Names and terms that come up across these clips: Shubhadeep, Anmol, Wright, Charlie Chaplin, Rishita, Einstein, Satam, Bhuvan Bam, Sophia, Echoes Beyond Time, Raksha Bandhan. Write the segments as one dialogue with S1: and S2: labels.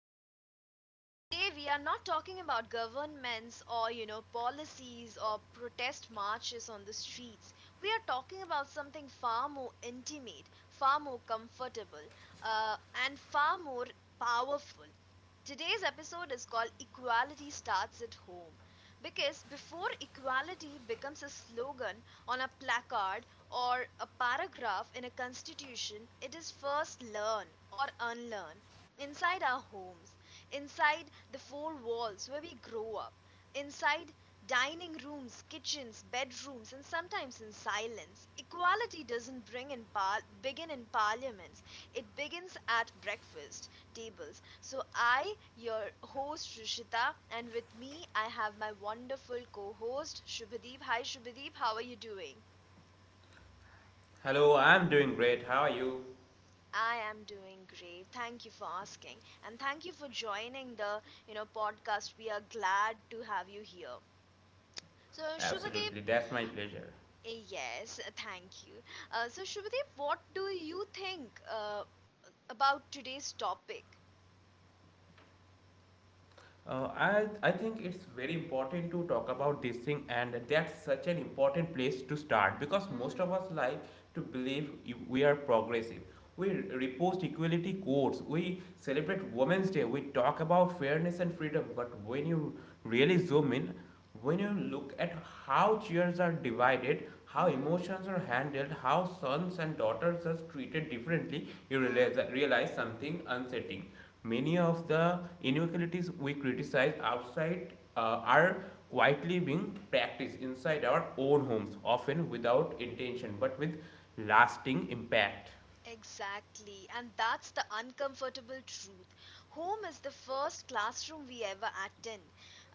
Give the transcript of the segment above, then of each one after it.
S1: podcast. Today, we are not talking about governments or policies or protest marches on the streets. We are talking about something far more intimate, far more comfortable, uh, and far more powerful. Today's episode is called Equality Starts at Home. Because before equality becomes a slogan on a placard, or a paragraph in a constitution, it is first learn or unlearn inside our homes, inside the four walls where we grow up, inside dining rooms, kitchens, bedrooms, and sometimes in silence. Equality doesn't begin in parliaments, it begins at breakfast tables. So, I, your host Rishita, and with me, I have my wonderful co host Shubhadeep. Hi, Shubhadeep, how are you doing?
S2: Hello, I'm doing great. How are you?
S1: I am doing great. Thank you for asking. And thank you for joining the podcast. We are glad to have you here. So, Shubhadeep,
S2: Absolutely, that's my pleasure.
S1: yes, thank you. So, Shubhadeep, what do you think about today's topic?
S2: I think it's very important to talk about this thing, and that's such an important place to start because most of
S1: Mm-hmm.
S2: us like to believe we are progressive. We repost equality quotes, we celebrate Women's Day, we talk about fairness and freedom. But when you really zoom in, when you look at how chairs are divided, how
S1: Mm-hmm.
S2: emotions are handled, how sons and daughters are treated differently, you
S1: Uh-huh.
S2: realize, realize something unsettling. Many of the inequalities we criticize outside are quietly being practiced inside our own homes, often without intention but with lasting impact.
S1: Exactly, and that's the uncomfortable truth. Home is the first classroom we ever attend.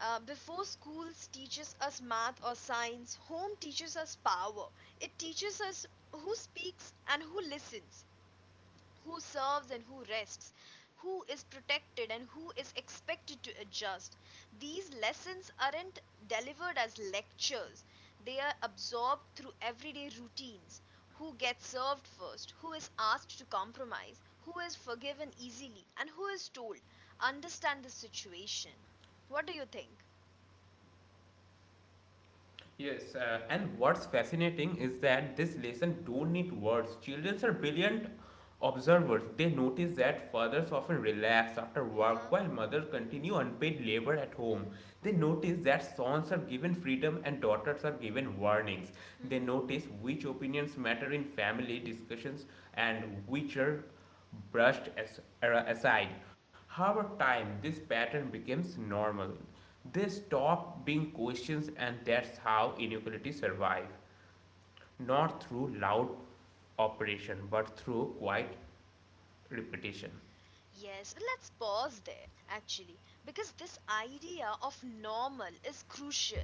S1: Before schools teaches us math or science, home teaches us power. It teaches us who speaks and who listens, who serves and who rests, who is protected and who is expected to adjust. These lessons aren't delivered as lectures, they are absorbed through everyday routines. Who gets served first, who is asked to compromise, who is forgiven easily, and who is told, understand the situation. What do you think?
S2: Yes, and what's fascinating is that this lesson don't need words. Children are brilliant observers. They notice that fathers often relax after work
S1: Uh
S2: while mothers continue unpaid labor at home. They notice that sons are given freedom and daughters are given warnings. They
S1: huh.
S2: notice which opinions matter in family discussions and which are brushed aside. Over time, this pattern becomes normal. They stop being questions, and that's how inequality survive. Not through loud operation, but through quiet repetition.
S1: Yes, well, let's pause there actually because this idea of normal is crucial.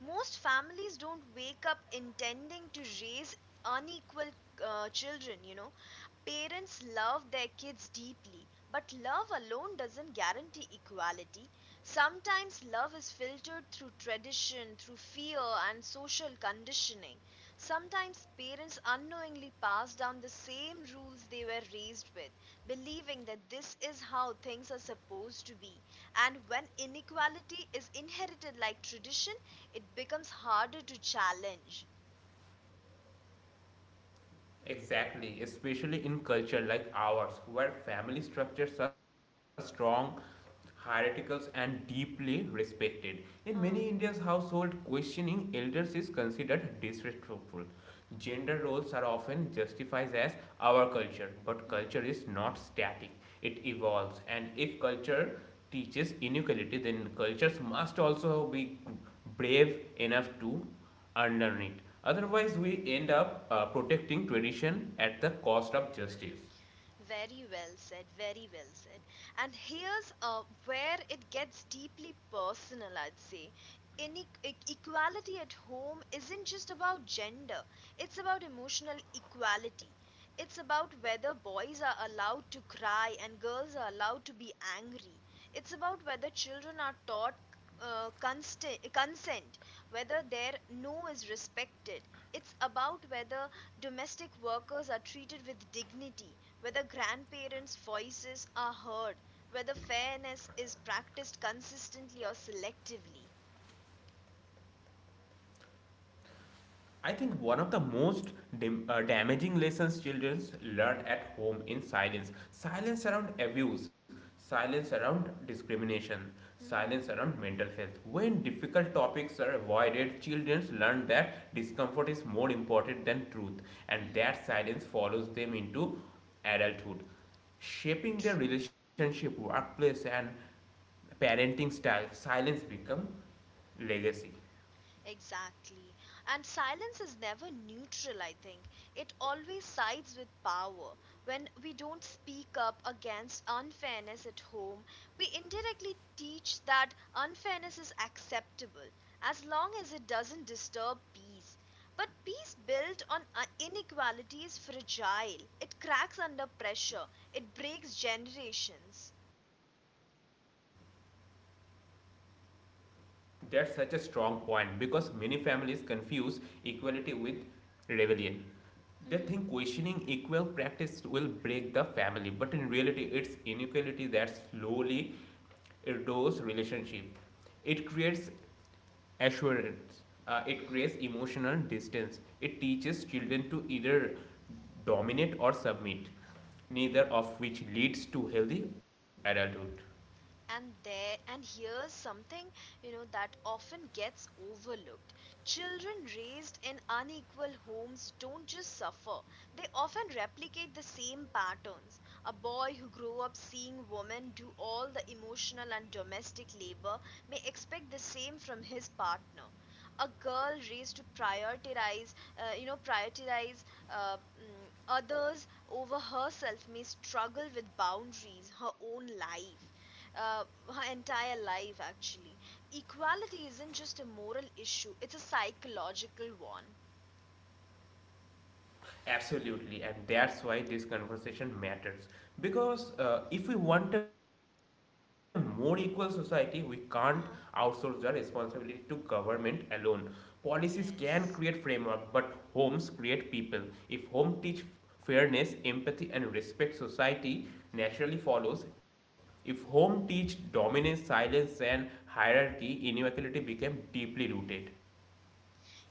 S1: Most families don't wake up intending to raise unequal children, Parents love their kids deeply, but love alone doesn't guarantee equality. Sometimes love is filtered through tradition, through fear, and social conditioning. Sometimes parents unknowingly pass down the same rules they were raised with believing that this is how things are supposed to be. And when inequality is inherited like tradition, it becomes harder to challenge.
S2: Exactly, especially in culture like ours, where family structures are strong, hierarchical, and deeply respected. In many India's
S1: Uh-huh.
S2: household, questioning elders is considered disrespectful. Gender roles are often justified as our culture, but culture
S1: Mhm.
S2: is not static; it evolves, and if culture teaches inequality, then cultures must also be brave enough to underneath. Otherwise, we end up protecting tradition at the cost of justice.
S1: Very well said, very well said. And here's where it gets deeply personal, I'd say. Equality at home isn't just about gender, it's about emotional equality. It's about whether boys are allowed to cry and girls are allowed to be angry. It's about whether children are taught consent, whether their no is respected. It's about whether domestic workers are treated with dignity, whether grandparents' voices are heard, whether fairness is practiced consistently or selectively.
S2: I think one of the most damaging lessons children learn at home in silence, silence around abuse, silence around discrimination,
S1: Mm-hmm.
S2: silence around mental health. When difficult topics are avoided, children learn that discomfort is more important than truth, and
S1: Mm-hmm.
S2: that silence follows them into adulthood, shaping their
S1: True.
S2: relationship, workplace, and parenting style. Silence become legacy.
S1: Exactly. And silence is never neutral, I think. It always sides with power. When we don't speak up against unfairness at home, we indirectly teach that unfairness is acceptable as long as it doesn't disturb peace. But peace built on inequality is fragile. It cracks under pressure. It breaks generations.
S2: That's such a strong point because many families confuse equality with rebellion. They think questioning equal practice will break the family, but in reality, it's inequality that slowly erodes relationship. It creates assurance. It creates emotional distance. It teaches children to either dominate or submit, neither of which leads to healthy adulthood.
S1: And here's something, that often gets overlooked. Children raised in unequal homes don't just suffer, they often replicate the same patterns. A boy who grew up seeing women do all the emotional and domestic labor may expect the same from his partner. A girl raised to prioritize you know prioritize mm, others over herself may struggle with boundaries uh, her entire life actually. Equality isn't just a moral issue, it's a psychological one.
S2: Absolutely, and that's why this conversation matters. Because if we want a more equal society, we can't outsource the
S1: Huh.
S2: responsibility to government alone. Policies can create framework, but
S1: Yes.
S2: homes create people. If home teach fairness, empathy, and respect, society naturally follows. If home teach dominance, silence, and hierarchy, inequality became deeply rooted.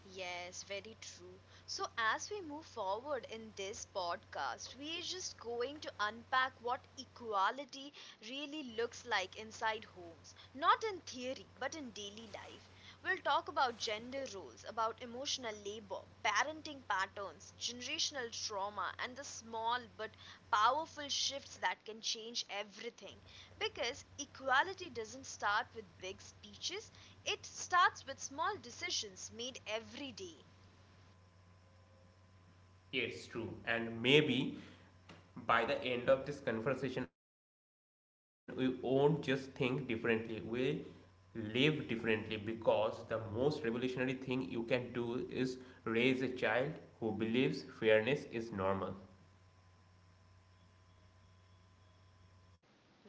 S1: Yes, very true. So, as we move forward in this podcast, we are just going to unpack what equality really looks like inside homes. Not in theory, but in daily life. We'll talk about gender roles, about emotional labor, parenting patterns, generational trauma, and the small but powerful shifts that can change everything. Because equality doesn't start with big speeches, it starts with small decisions made every day.
S2: It's true. And maybe by the end of this conversation, we won't just think differently, we live differently because the most revolutionary thing you can do is raise a child who believes fairness is normal.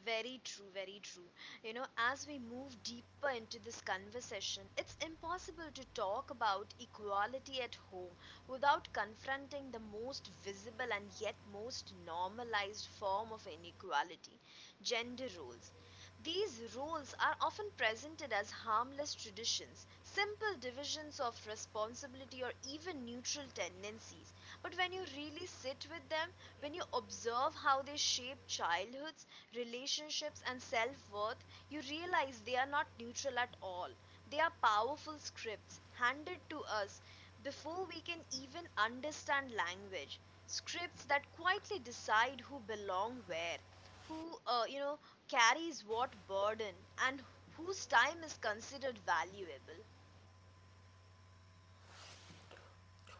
S1: Very true, very true. You know, as we move deeper into this conversation, it's impossible to talk about equality at home without confronting the most visible and yet most normalized form of inequality, gender roles. These roles are often presented as harmless traditions, simple divisions of responsibility, or even neutral tendencies. But when you really sit with them, when you observe how they shape childhoods, relationships and self worth, you realize they are not neutral at all. They are powerful scripts handed to us before we can even understand language. Scripts that quietly decide who belong where, who, uh, you know, carries what burden, and whose time is considered valuable.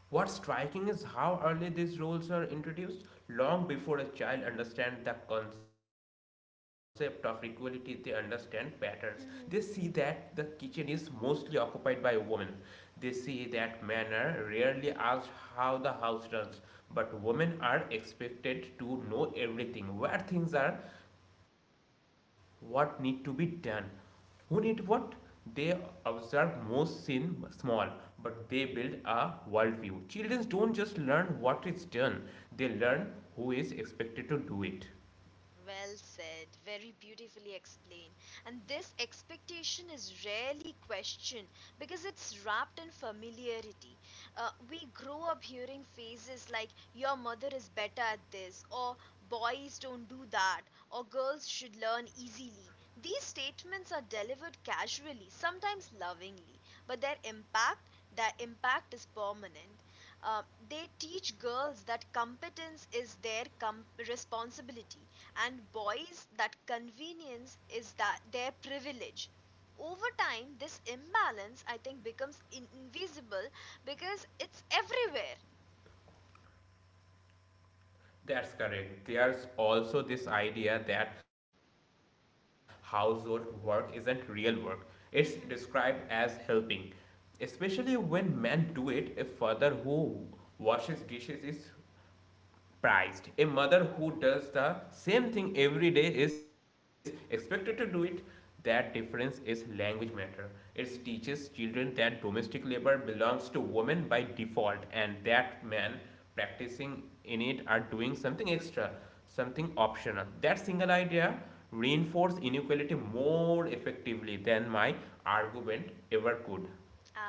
S2: What's striking is how early these rules are introduced. Long before a child understands the concept of equality, they understand patterns. They see that the kitchen is mostly occupied by women. They see that men are rarely asked how the house runs, but women are expected to know everything: where things are, what need to be done, who need what. They observe most in small, but they build a worldview. Children don't just learn what is done, they learn who is expected to do it.
S1: Well said, very beautifully explained. And this expectation is rarely questioned because it's wrapped in familiarity. We grow up hearing phrases like, Your mother is better at this, or Boys don't do that, or Girls should learn easily. These statements are delivered casually, sometimes lovingly, but their impact is permanent. Uh, they teach girls that competence is their responsibility and boys that convenience is that their privilege. Over time this imbalance, I think, becomes invisible because it's everywhere.
S2: That's correct. There's also this idea that household work isn't real work, it's described as helping,
S1: Mm-hmm.
S2: especially when men do it. A father who washes dishes is prized. A mother who does the same thing every day is expected to do it. That difference is language matter. It teaches children
S1: Mm-hmm.
S2: that domestic labor belongs to women by default and that men practicing in it are doing something extra, something optional. That single idea reinforces inequality more effectively than my argument ever could.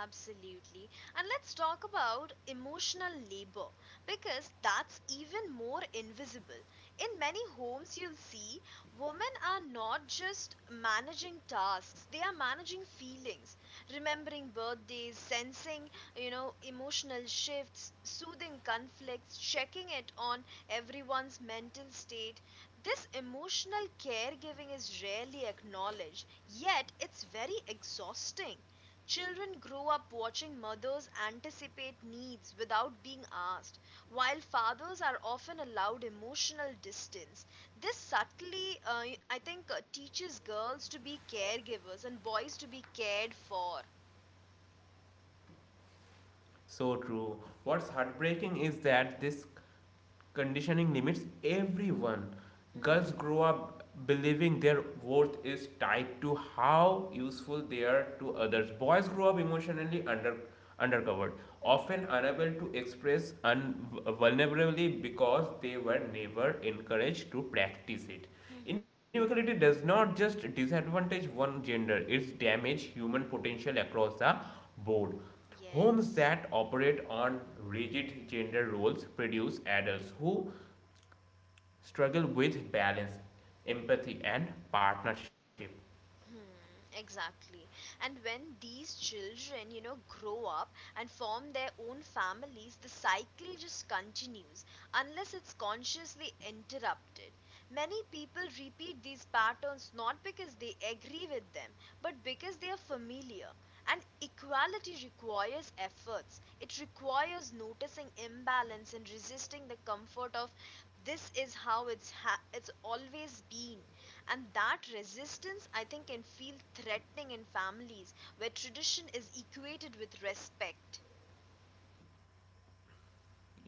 S1: Absolutely. And let's talk about emotional labor because that's even more invisible. In many homes, you'll see women are not just managing tasks, they are managing feelings, remembering birthdays, sensing emotional shifts, soothing conflicts, checking it on everyone's mental state. This emotional caregiving is rarely acknowledged, yet, it's very exhausting. Children grow up watching mothers anticipate needs without being asked, while fathers are often allowed emotional distance. This subtly, I think, teaches girls to be caregivers and boys to be cared for.
S2: So true. What's heartbreaking is that this conditioning limits everyone.
S1: Hmm.
S2: Girls grow up believing their worth is tied to how useful they are to others. Boys grow up emotionally undercovered, often
S1: Hmm.
S2: unable to express vulnerably because they were never encouraged to practice it.
S1: Hmm.
S2: Inequality does not just disadvantage one gender, it damages human potential across the board. Homes
S1: Yes.
S2: that operate on rigid gender roles produce adults who struggle with balance, empathy, and partnership.
S1: Hmm, exactly. And when these children, grow up and form their own families, the cycle just continues unless it's consciously interrupted. Many people repeat these patterns not because they agree with them, but because they are familiar. And equality requires efforts. It requires noticing imbalance and resisting the comfort of this is it's always been, and that resistance, I think, can feel threatening in families where tradition is equated with respect.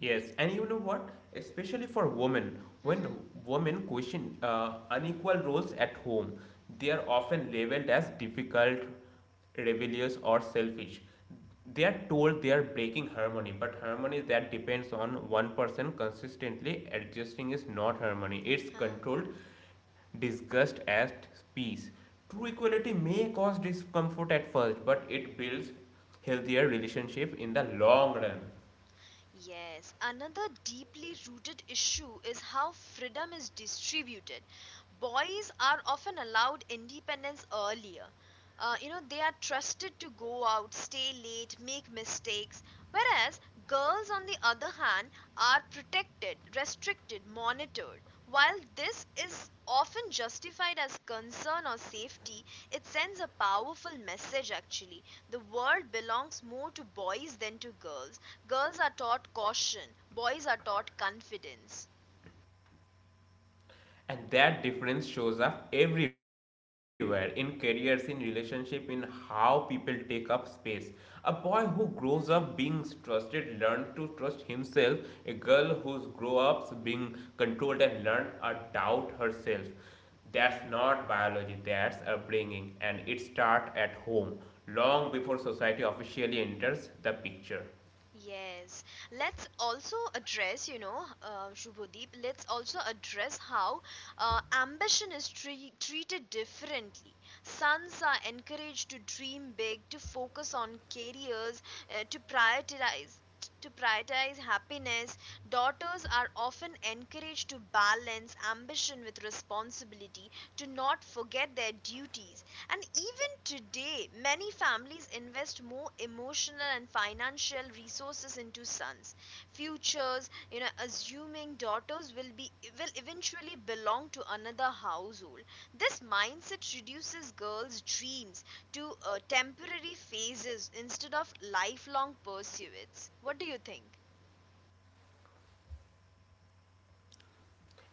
S2: Yes, and you know what? Especially for women, when
S1: Mhm.
S2: women question unequal roles at home, they are often labeled as difficult, rebellious, or selfish. They are told they are breaking harmony, but harmony that depends on one person consistently adjusting is not harmony. It's
S1: Uh-huh.
S2: controlled disgust as peace. True equality may cause discomfort at first, but it builds healthier relationship in the long run.
S1: Yes, another deeply rooted issue is how freedom is distributed. Boys are often allowed independence earlier. They are trusted to go out, stay late, make mistakes, whereas girls, on the other hand, are protected, restricted, monitored. While this is often justified as concern or safety, it sends a powerful message actually. The world belongs more to boys than to girls. Girls are taught caution, boys are taught confidence.
S2: And that difference shows up everywhere: in careers, in relationship, in how people take up space. A boy who grows up being
S1: Mm-hmm.
S2: trusted learned to trust himself. A girl who's grow up being controlled and learned to doubt herself.
S1: Mm-hmm.
S2: That's not biology, that's upbringing, and it starts at home long before society officially enters the picture.
S1: Yes. Let's also address, Shubhodeep, let's also address how ambition is treated differently. Sons are encouraged to dream big, to focus on careers, uh, to prioritize to prioritize happiness. Daughters are often encouraged to balance ambition with responsibility, to not forget their duties. And even today, many families invest more emotional and financial resources into sons' futures, assuming daughters will eventually belong to another household. This mindset reduces girls' dreams to temporary phases instead of lifelong pursuits. What do you think?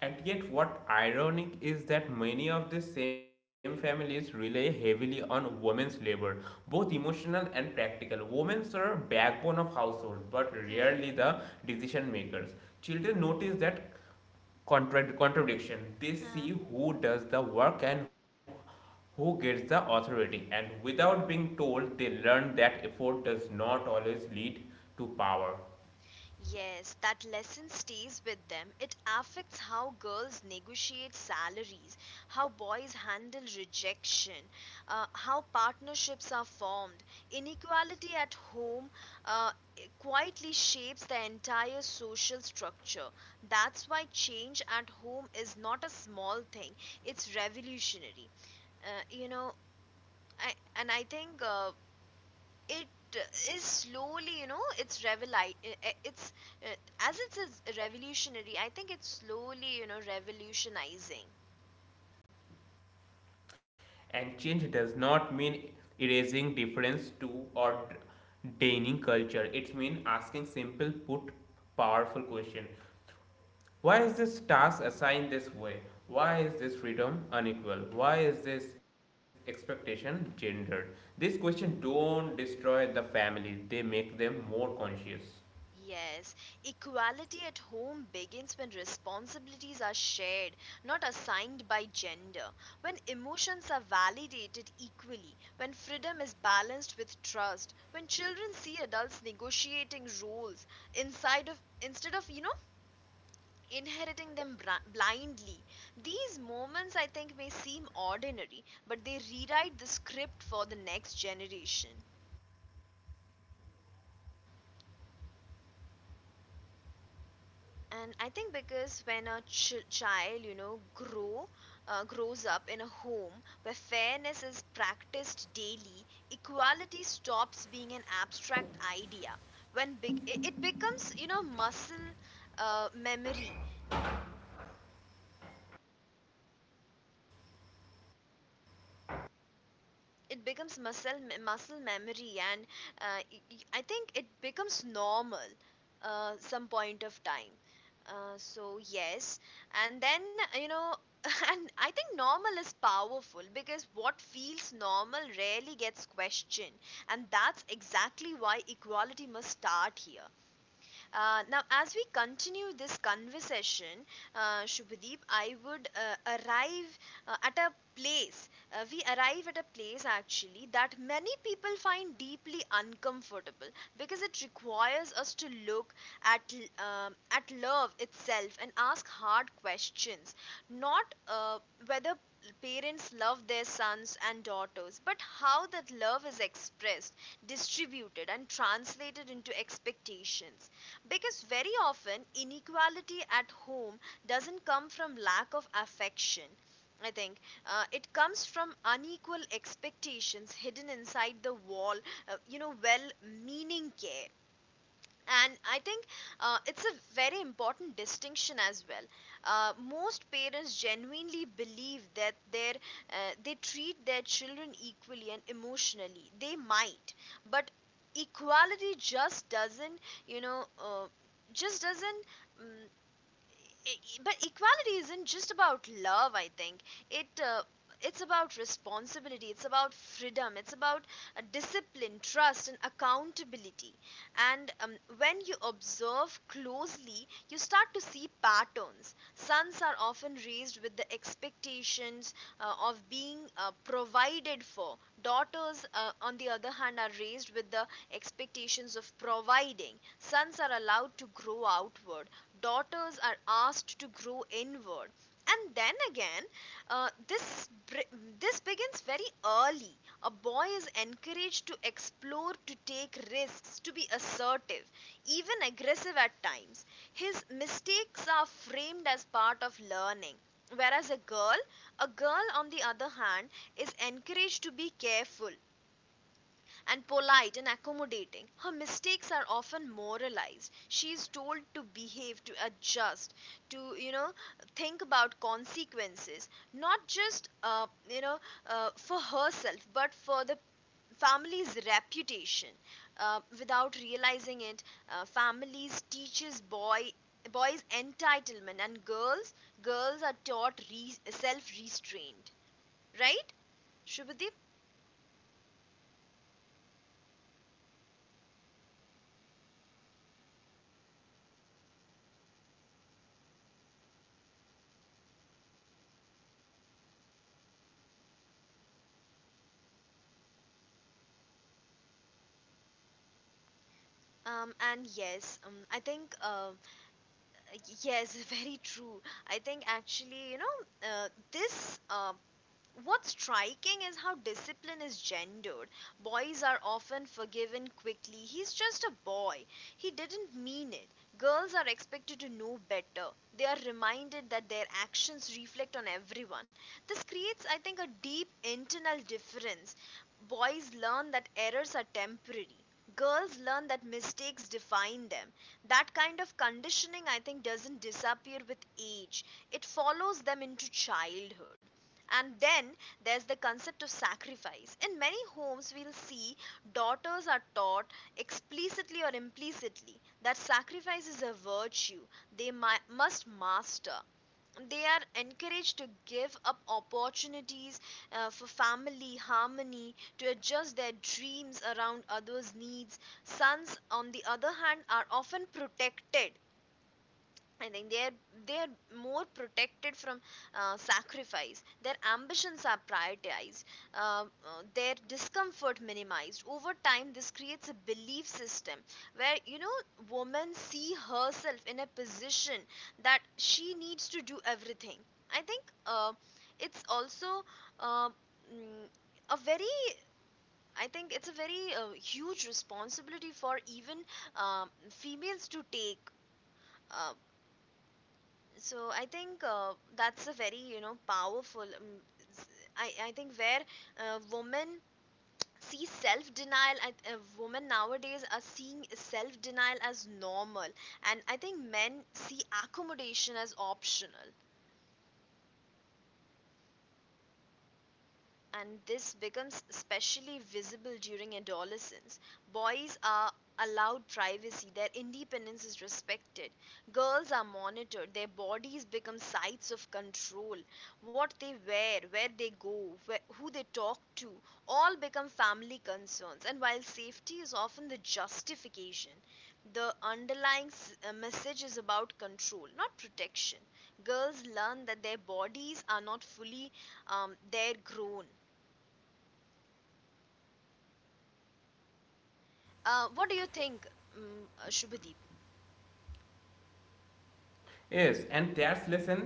S2: And yet, what ironic is that many of the same families rely heavily on women's labor, both emotional and practical. Women are backbone of household, but
S1: Hmm.
S2: rarely the decision makers. Children notice that contradiction. They see who does the work and who gets the authority, and without being told, they learn that effort does not always lead to power.
S1: Yes, that lesson stays with them. It affects how girls negotiate salaries, how boys handle rejection, how partnerships are formed. Inequality at home uh, quietly shapes the entire social structure. That's why change at home is not a small thing, it's revolutionary. Uh, you know, I, and I think it is slowly you know it's reveli- I- it's uh, as it is revolutionary, I think it's slowly, revolutionizing.
S2: And change does not mean erasing difference to or denying culture. It means asking simple put powerful question. Why is this task assigned this way? Why is this freedom unequal? Why is this expectation gendered? These questions don't destroy the family, they make them more conscious.
S1: Yes, equality at home begins when responsibilities are shared, not assigned by gender, when emotions are validated equally, when freedom is balanced with trust, when children see adults negotiating roles inside of instead of, inheriting them blindly. These moments, I think, may seem ordinary, but they rewrite the script for the next generation. And I think because when a ch- child, you know, grow grows up in a home where fairness is practiced daily, equality stops being an abstract idea. When be- It becomes, you know, muscle memory it becomes muscle muscle memory, and I think it becomes normal some point of time. So, yes, and then you know and I think normal is powerful because what feels normal rarely gets questioned, and that's exactly why equality must start here. Now, as we continue this conversation, Shubhadeep, I would arrive at a place. We arrive at a place actually that many people find deeply uncomfortable because it requires us to look at at love itself and ask hard questions, not whether parents love their sons and daughters, but how that love is expressed, distributed, and translated into expectations. Because very often inequality at home doesn't come from lack of affection. I think it comes from unequal expectations hidden inside the wall, well meaning care, and I think it's a very important distinction as well. Most parents genuinely believe that their they treat their children equally, and emotionally they might, but equality just doesn't, you know uh, just doesn't um, but equality isn't just about love, I think. it uh, it's about responsibility, it's about freedom, it's about discipline, trust and accountability. And when you observe closely, you start to see patterns. Sons are often raised with the expectations of being provided for. Daughters, on the other hand, are raised with the expectations of providing. Sons are allowed to grow outward, daughters are asked to grow inward. And then again, this begins very early. A boy is encouraged to explore, to take risks, to be assertive, even aggressive at times. His mistakes are framed as part of learning, whereas a girl on the other hand is encouraged to be careful and polite and accommodating. Her mistakes are often moralized. She is told to behave, to adjust, to, think about consequences, not just, for herself, but for the family's reputation. Without realizing it, families teaches boys entitlement, and girls are taught self restraint. Right, Shubhadeep? And yes, I think yes, very true. I think actually, you know, this what's striking is how discipline is gendered. Boys are often forgiven quickly. He's just a boy. He didn't mean it. Girls are expected to know better. They are reminded that their actions reflect on everyone. This creates, I think, a deep internal difference. Boys learn that errors are temporary. Girls learn that mistakes define them. That kind of conditioning, I think, doesn't disappear with age. It follows them into childhood. And then there's the concept of sacrifice. In many homes, we'll see daughters are taught, explicitly or implicitly, that sacrifice is a virtue they must master. They are encouraged to give up opportunities for family harmony, to adjust their dreams around others' needs. Sons, on the other hand, are often protected. I think they're more protected from sacrifice. Their ambitions are prioritized. Their discomfort minimized. Over time, this creates a belief system where, you know, women see herself in a position that she needs to do everything. I think it's also uh, mm, a very, I think it's a very huge responsibility for even females to take. Uh, so I think that's a very, you know, powerful. S- I think where women see self denial. Women nowadays are seeing self denial as normal, and I think men see accommodation as optional. And this becomes especially visible during adolescence. Boys are allowed privacy, their independence is respected. Girls are monitored, their bodies become sites of control. What they wear, where they go, who they talk to, all become family concerns. And while safety is often the justification, the underlying message is about control, not protection. Girls learn that their bodies are not fully their grown. What do you think, Shubhadeep?
S2: Yes, and that's lesson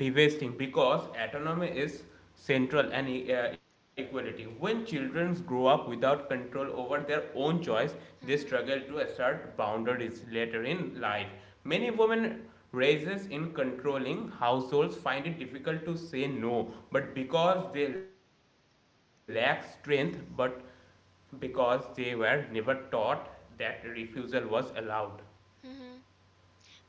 S2: devastating because autonomy is central and equality. When children grow up without control over their own choice, they
S1: Hmm.
S2: struggle to assert boundaries later in life. Many women raises in controlling households find it difficult to say no, but because they lack strength, but because they were never taught that refusal was allowed.
S1: Hmm.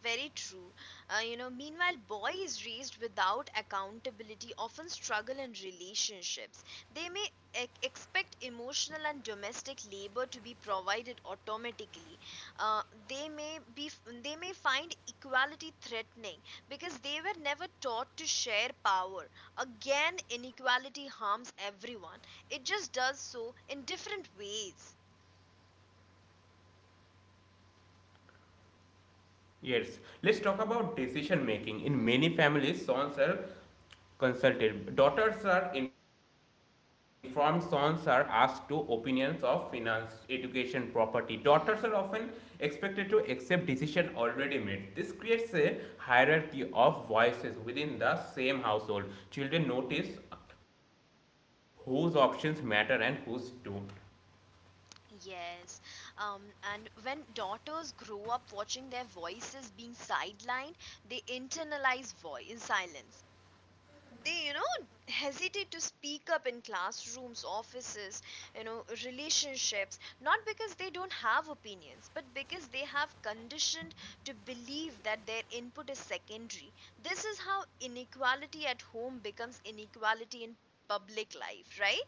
S1: Very true. Meanwhile, boys raised without accountability often struggle in relationships. They may expect emotional and domestic labor to be provided automatically. Uh, they may be, they may find equality threatening because they were never taught to share power. Again, inequality harms everyone. It just does so in different ways.
S2: Yes, let's talk about decision making. In many families, sons are consulted. Daughters are informed, sons are asked to opinions of finance, education, property. Daughters
S1: Mhm.
S2: are often expected to accept decision already made. This creates a hierarchy of voices within the same household. Children notice whose options matter and whose don't.
S1: Yes. Um, and when daughters grow up watching their voices being sidelined, they internalize voice in silence. They, you know, hesitate to speak up in classrooms, offices, you know, relationships, not because they don't have opinions, but because they have conditioned to believe that their input is secondary. This is how inequality at home becomes inequality in public life, right?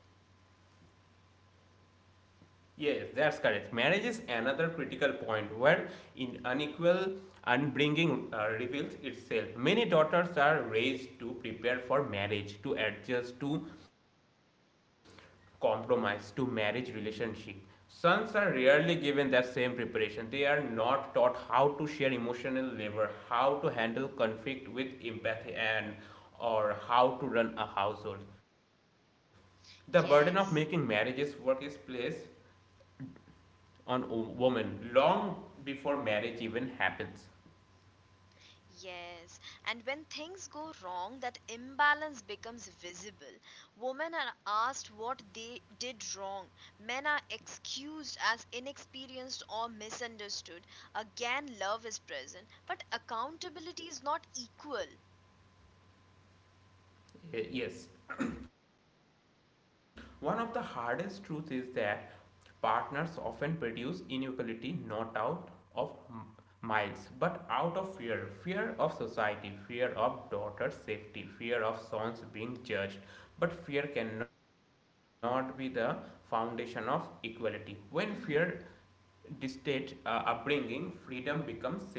S2: Yes, that's correct. Marriage is another critical point where in unequal unbringing reveals itself. Many daughters are raised to prepare for marriage, to adjust to compromise, to marriage relationship. Sons are rarely given that same preparation. They are not taught how to share emotional labor, how to handle conflict with empathy, and or how to run a household. The burden of making marriages
S1: Yes.
S2: work is placed on a woman long before marriage even happens.
S1: Yes, and when things go wrong, that imbalance becomes visible. Women are asked what they did wrong, men are excused as inexperienced or misunderstood. Again, love is present, but accountability is not equal.
S2: Yes. One of the hardest truths is that partners often produce inequality not out of miles but out of fear, fear of society, fear of daughter's safety, fear of sons being judged. But fear cannot be the foundation of equality. When fear dictates upbringing, freedom becomes selective.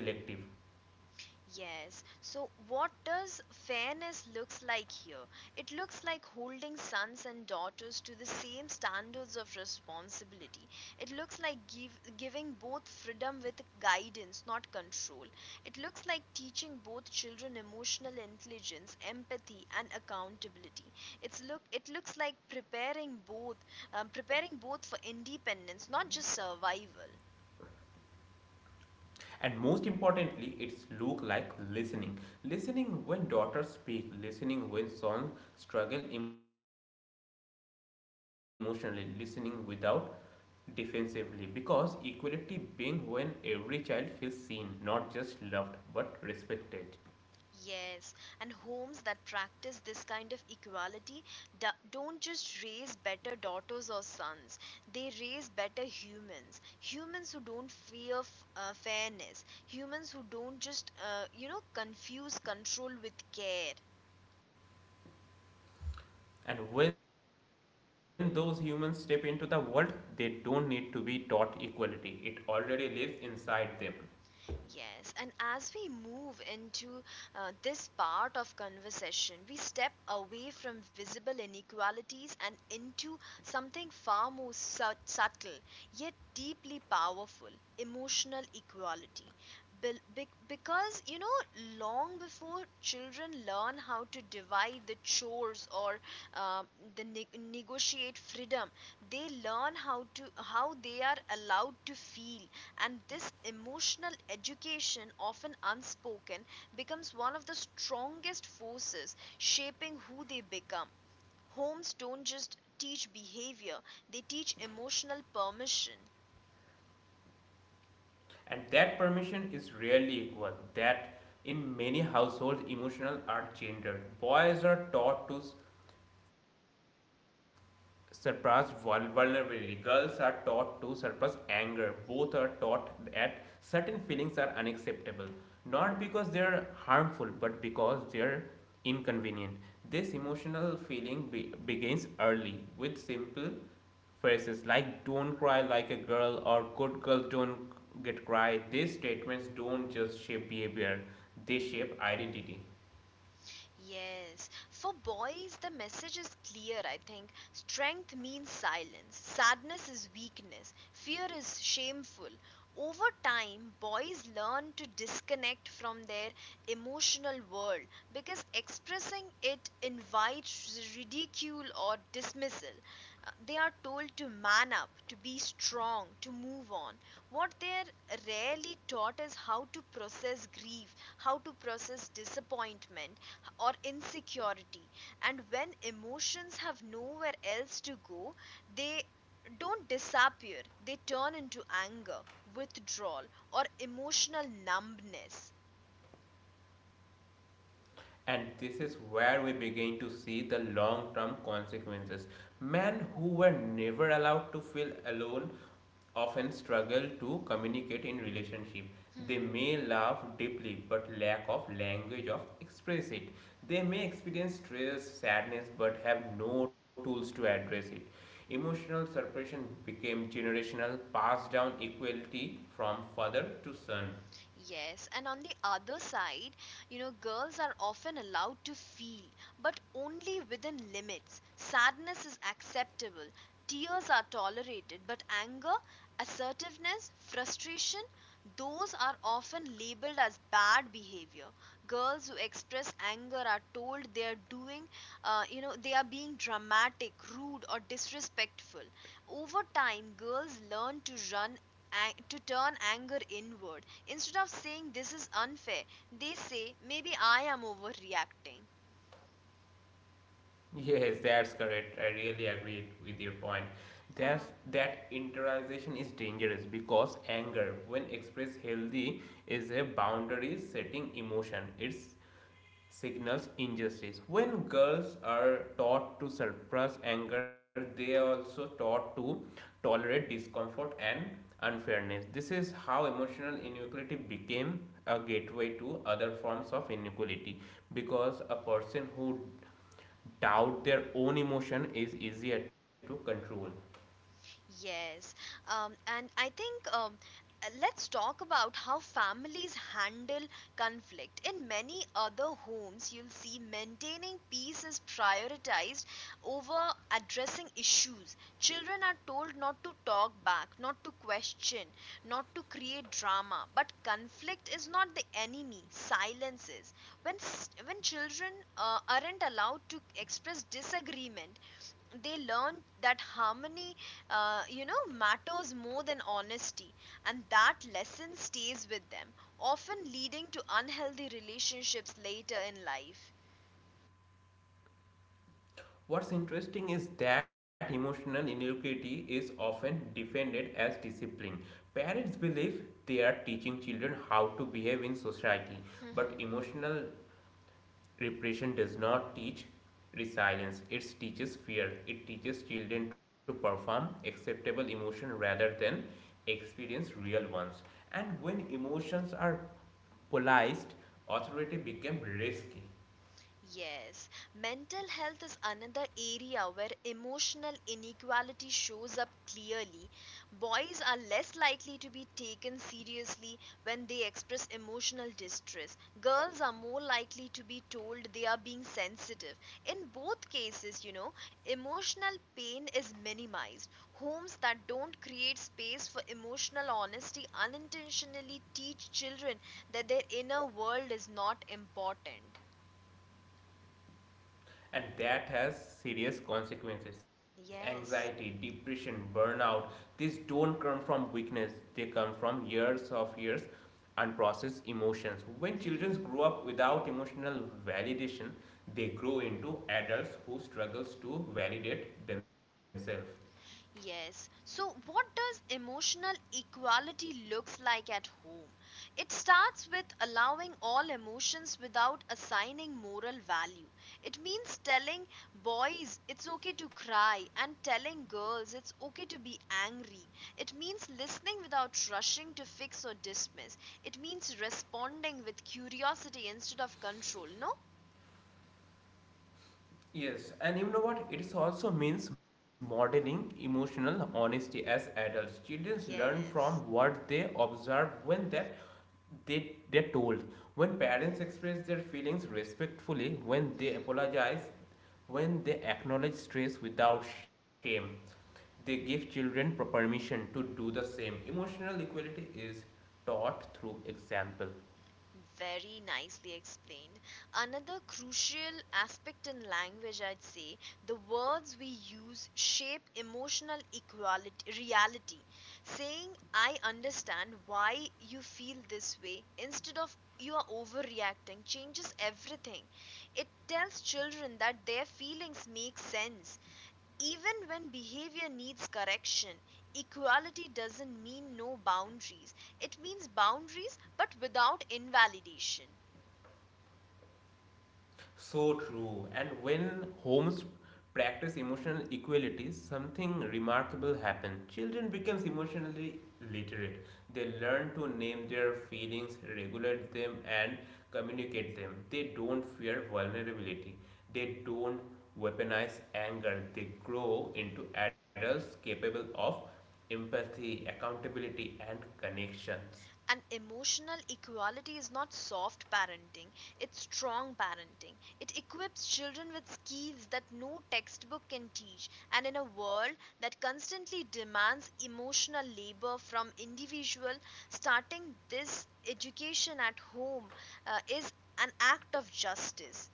S1: Yes. So what does fairness looks like here? It looks like holding sons and daughters to the same standards of responsibility. It looks like giving both freedom with guidance, not control. It looks like teaching both children emotional intelligence, empathy and accountability. It looks like preparing both for independence, not just survival.
S2: And most importantly it's look like listening, listening when daughters speak, listening when sons struggle emotionally, listening without defensively, because equality being when every child feels seen, not just loved but respected.
S1: Yes, and homes that practice this kind of equality don't just raise better daughters or sons, they raise better humans. Humans who don't fear fairness, humans who don't just, confuse control with care.
S2: And when those humans step into the world they don't need to be taught equality, it already lives inside them.
S1: Yes, and as we move into this part of conversation, we step away from visible inequalities and into something far more subtle yet deeply powerful: emotional equality. Because, you know, long before children learn how to divide the chores or um negotiate freedom, they learn how they are allowed to feel. And this emotional education, often unspoken, becomes one of the strongest forces shaping who they become. Homes don't just teach behavior, they teach emotional permission.
S2: And that permission is rarely equal. That in many households emotions are gendered. Boys are taught to suppress vulnerability. Girls are taught to suppress anger. Both are taught that certain feelings are unacceptable, not because they are harmful, but because they are inconvenient. This emotional feeling begins early with simple phrases like don't cry like a girl or good girls don't get cry. These statements don't just shape behavior,
S1: Mm-hmm.
S2: they shape identity.
S1: Yes. For boys, the message is clear, I think. Strength means silence, sadness is weakness, fear is shameful. Over time, boys learn to disconnect from their emotional world because expressing it invites ridicule or dismissal. They are told to man up, to be strong, to move on. What they're rarely taught is how to process grief, how to process disappointment, or insecurity. And when emotions have nowhere else to go, they don't disappear, they turn into anger, withdrawal, or emotional numbness.
S2: And this is where we begin to see the long term consequences. Men who were never allowed to feel alone often struggle to communicate in relationship. They may laugh deeply but lack of language of express it. They may experience stress, sadness but have no tools to address it. Emotional suppression became generational, passed down equality from father to son.
S1: Yes, and on the other side, you know, girls are often allowed to feel, but only within limits. Sadness is acceptable, tears are tolerated, but anger, assertiveness, frustration, those are often labeled as bad behavior. Girls who express anger are told they are doing, they are being dramatic, rude, or disrespectful. Over time, girls learn to run to turn anger inward. Instead of saying this is unfair, they say maybe I am overreacting.
S2: Yes, that's correct. I really agree with your point. That's, that internalization is dangerous because anger, when expressed healthy, is a boundary setting emotion. It signals injustice. When girls are taught to suppress anger, they are also taught to tolerate discomfort and unfairness. This is how emotional inequality became a gateway to other forms of inequality, because a person who doubt their own emotion is easier to control.
S1: Yes, and I think let's talk about how families handle conflict. In many other homes, you'll see maintaining peace is prioritized over addressing issues. Children are told not to talk back, not to question, not to create drama. But conflict is not the enemy, silence is. When children aren't allowed to express disagreement, they learned that harmony, matters more than honesty, and that lesson stays with them, often leading to unhealthy relationships later in life.
S2: What's interesting is that emotional ingenuity is often defended as discipline. Parents believe they are teaching children how to behave in society, but emotional repression does not teach resilience. It teaches fear. It teaches children to perform acceptable emotion rather than experience real ones. And when emotions are polarized, authority becomes risky.
S1: Yes, mental health is another area where emotional inequality shows up clearly. Boys are less likely to be taken seriously when they express emotional distress. Girls are more likely to be told they are being sensitive. In both cases, you know, emotional pain is minimized. Homes that don't create space for emotional honesty unintentionally teach children that their inner world is not important.
S2: And that has serious consequences: anxiety,
S1: Yes.
S2: depression, burnout. These don't come from weakness, they come from years of years unprocessed emotions. When children
S1: Mhm.
S2: grow up without emotional validation, they grow into adults who struggles to validate themselves.
S1: Yes. So what does emotional equality looks like at home? It starts with allowing all emotions without assigning moral value. It means telling boys it's okay to cry and telling girls it's okay to be angry. It means listening without rushing to fix or dismiss. It means responding with curiosity instead of control, no?
S2: Yes, and you know what? It also means modeling emotional honesty as adults. Children learn from
S1: Yes.
S2: what they observe when that they're told. When parents express their feelings respectfully, when they apologize, when they acknowledge stress without shame, they give children permission to do the same. Emotional equality is taught through example.
S1: Very nicely explained. Another crucial aspect in language, I'd say, the words we use shape emotional equality, reality. Saying, I understand why you feel this way, instead of you are overreacting, changes everything. It tells children that their feelings make sense. Even when behavior needs correction, equality doesn't mean no boundaries. It means boundaries but without invalidation.
S2: So true. And when homes practice emotional equality, something remarkable happens. Children become emotionally literate. They learn to name their feelings, regulate them, and communicate them. They don't fear vulnerability. They don't weaponize anger. They grow into adults capable of empathy, accountability, and connections.
S1: And emotional equality is not soft parenting, it's strong parenting. It equips children with skills that no textbook can teach. And in a world that constantly demands emotional labor from individual, starting this education at home is an act of justice.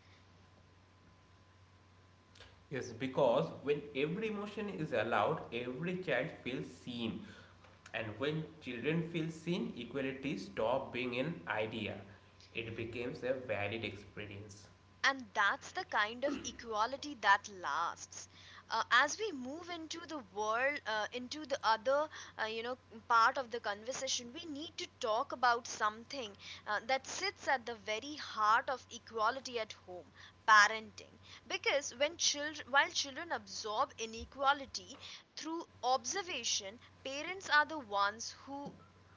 S2: Yes, because when every emotion is allowed, every child feels seen. And when children feel seen, equality stops being an idea. It becomes a valid experience.
S1: And that's the kind of equality that lasts. As we move into the world, into the other, uh, you know part of the conversation, we need to talk about something that sits at the very heart of equality at home: parenting. Because when children while children absorb inequality through observation, parents are the ones who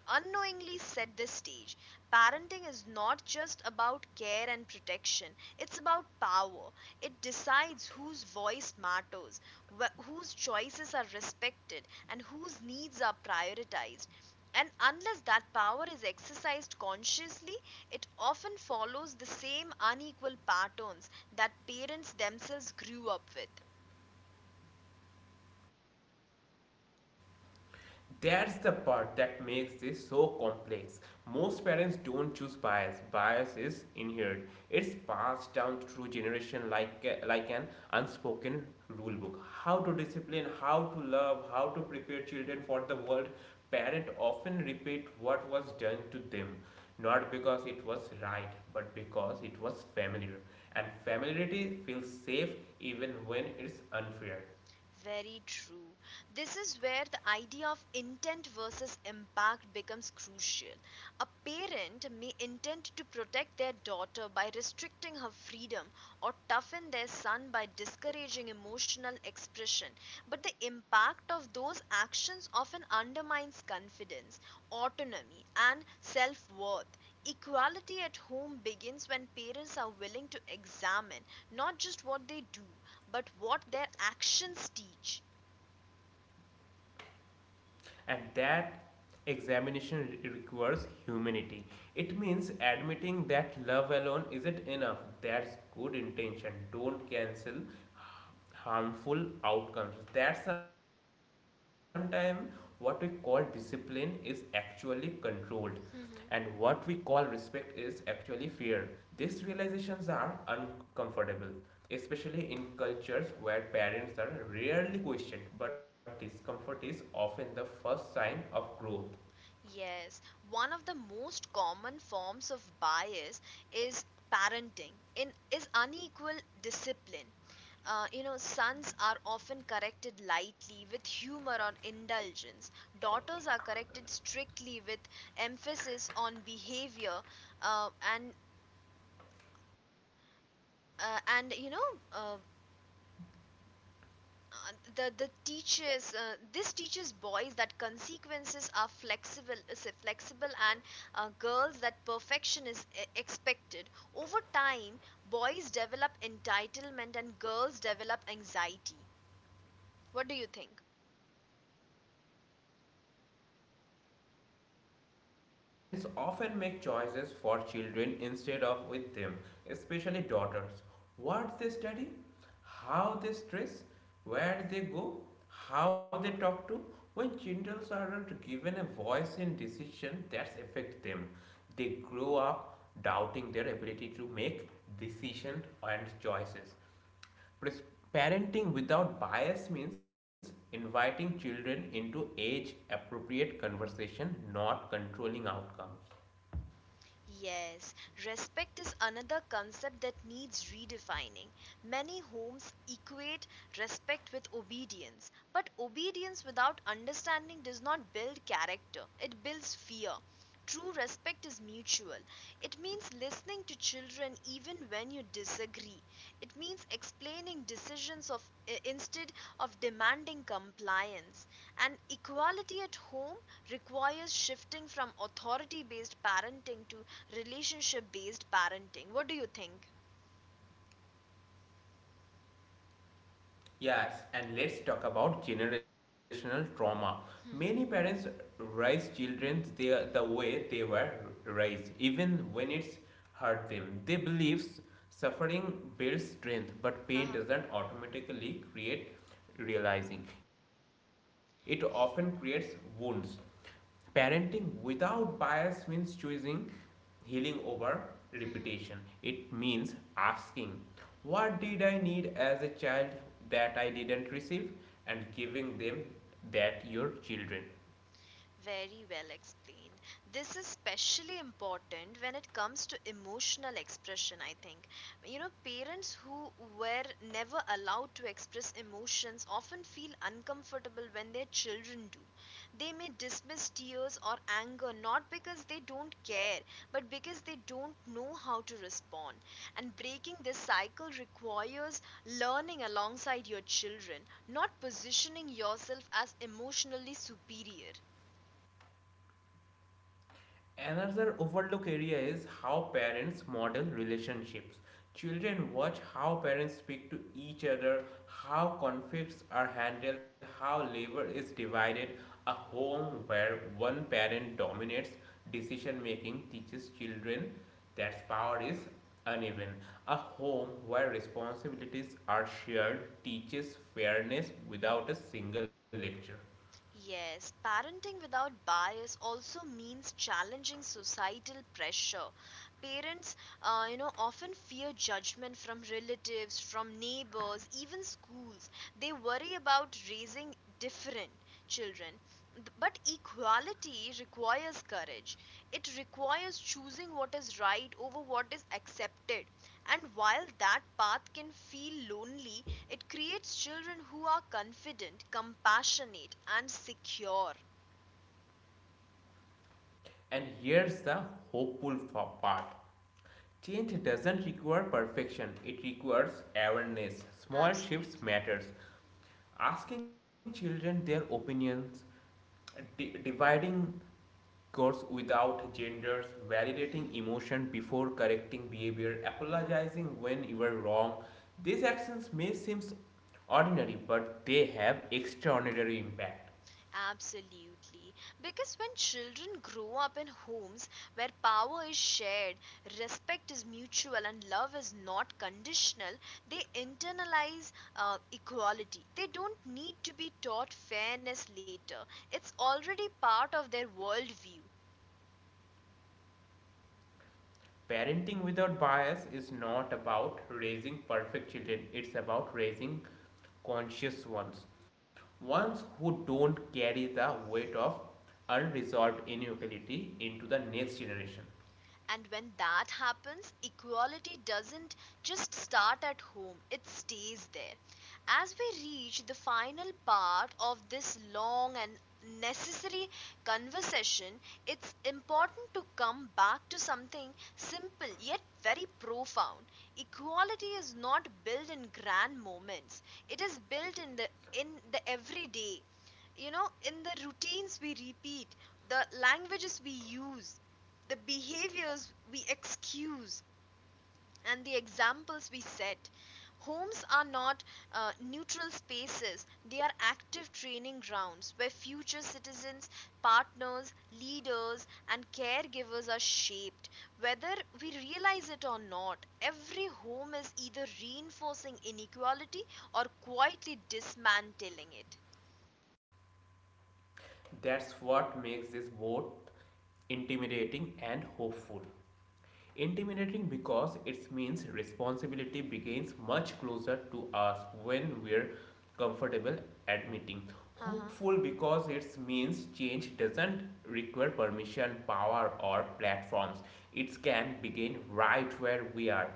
S1: unknowingly set the stage. Parenting is not just about care and protection, it's about power. It decides whose voice matters, whose choices are respected, and whose needs are prioritized. And unless that power is exercised consciously, it often follows the same unequal patterns that parents themselves grew up with.
S2: That's the part that makes this so complex. Most parents don't choose bias. Bias is inherited. It's passed down through generation like an unspoken rule book. How to discipline, how to love, how to prepare children for the world. Parents often repeat what was done to them, not because it was right, but because it was familiar. And familiarity feels safe even when it's unfair.
S1: Very true. This is where the idea of intent versus impact becomes crucial. A parent may intend to protect their daughter by restricting her freedom or toughen their son by discouraging emotional expression, but the impact of those actions often undermines confidence, autonomy, and self worth. Equality at home begins when parents are willing to examine not just what they do, but what their actions teach.
S2: And that examination requires humanity. It means admitting that love alone isn't enough, that's good intention don't cancel harmful outcomes, that sometimes what we call discipline is actually controlled, and what we call
S1: Mm-hmm.
S2: respect is actually fear. These realizations are uncomfortable, especially in cultures where parents are rarely questioned, but discomfort is often the first sign of growth.
S1: Yes, one of the most common forms of bias is parenting in is unequal discipline. Sons are often corrected lightly with humor or indulgence. Daughters are corrected strictly with emphasis on behavior uh, and and uh, the teaches this teaches boys that consequences are flexible is flexible and girls that perfection is expected. Over time, boys develop entitlement and girls develop anxiety. What do you think?
S2: Parents often make choices for children instead of with them, especially daughters. What they study, how they dress, where they go, how they talk to. When children are not given a voice in decision that affect them, they grow up doubting their ability to make decisions and choices. Parenting without bias means inviting children into age appropriate conversation, not controlling outcomes.
S1: Yes, respect is another concept that needs redefining. Many homes equate respect with obedience, but obedience without understanding does not build character, it builds fear. True respect is mutual. It means listening to children even when you disagree. It means explaining decisions instead of demanding compliance. And equality at home requires shifting from authority based parenting to relationship based parenting. What do you think?
S2: Yes, and let's talk about generational trauma. Many parents
S1: Mm-hmm.
S2: raise children the way they were raised, even when it's hurt them. They believe suffering builds strength, but pain doesn't
S1: Uh-huh.
S2: automatically create realizing. It often creates wounds. Parenting without bias means choosing healing over repetition. It
S1: Mm-hmm.
S2: means asking, what did I need as a child that I didn't receive? And giving them that your children.
S1: Very well explained. This is especially important when it comes to emotional expression, I think. You know, parents who were never allowed to express emotions often feel uncomfortable when their children do. They may dismiss tears or anger not because they don't care, but because they don't know how to respond. And breaking this cycle requires learning alongside your children, not positioning yourself as emotionally superior.
S2: Another overlooked area is how parents model relationships. Children watch how parents speak to each other, how conflicts are handled, how labor is divided. A home where one parent dominates decision making teaches children that power is uneven. A home where responsibilities are shared teaches fairness without a single lecture.
S1: Yes, parenting without bias also means challenging societal pressure. Parents, you know, often fear judgment from relatives, from neighbors, even schools. They worry about raising different children. But equality requires courage. It requires choosing what is right over what is accepted. And while that path can feel lonely, it creates children who are confident, compassionate, and secure.
S2: And here's the hopeful part: change doesn't require perfection, it requires awareness. Small shifts
S1: Absolutely.
S2: matters. Asking children their opinions, dividing course without genders, validating
S1: Mhm.
S2: emotion before correcting behavior,
S1: Uh-huh.
S2: apologizing when you are wrong. These actions may seem ordinary, but they have extraordinary impact.
S1: Absolutely. Because when children grow up in homes where power is shared, respect is mutual, and love is not conditional, they internalize equality. They don't need to be taught fairness later, it's already part of their worldview.
S2: Parenting without bias is not about raising perfect children, it's about raising conscious ones. Ones who don't carry the weight of unresolved inequality into the next generation.
S1: And when that happens, equality doesn't just start at home, it stays there. As we reach the final part of this long and necessary conversation, it's important to come back to something simple yet very profound. Equality is not built in grand moments. It is built in the everyday, you know, in the routines we repeat, the languages we use, the behaviors we excuse, and the examples we set. Homes are not neutral spaces, they are active training grounds where future citizens, partners, leaders, and caregivers are shaped. Whether we realize it or not, every home is either reinforcing inequality or quietly dismantling it.
S2: That's what makes this both intimidating and hopeful. Intimidating because it means responsibility begins much closer to us when we're comfortable admitting.
S1: Uh-huh.
S2: Hopeful because it means change doesn't require permission, power, or platforms. It can begin right where we are,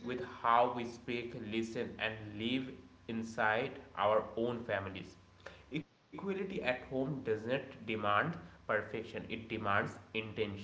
S2: with how we speak, listen, and live inside our own families. Equality at home does not demand perfection, it demands intention.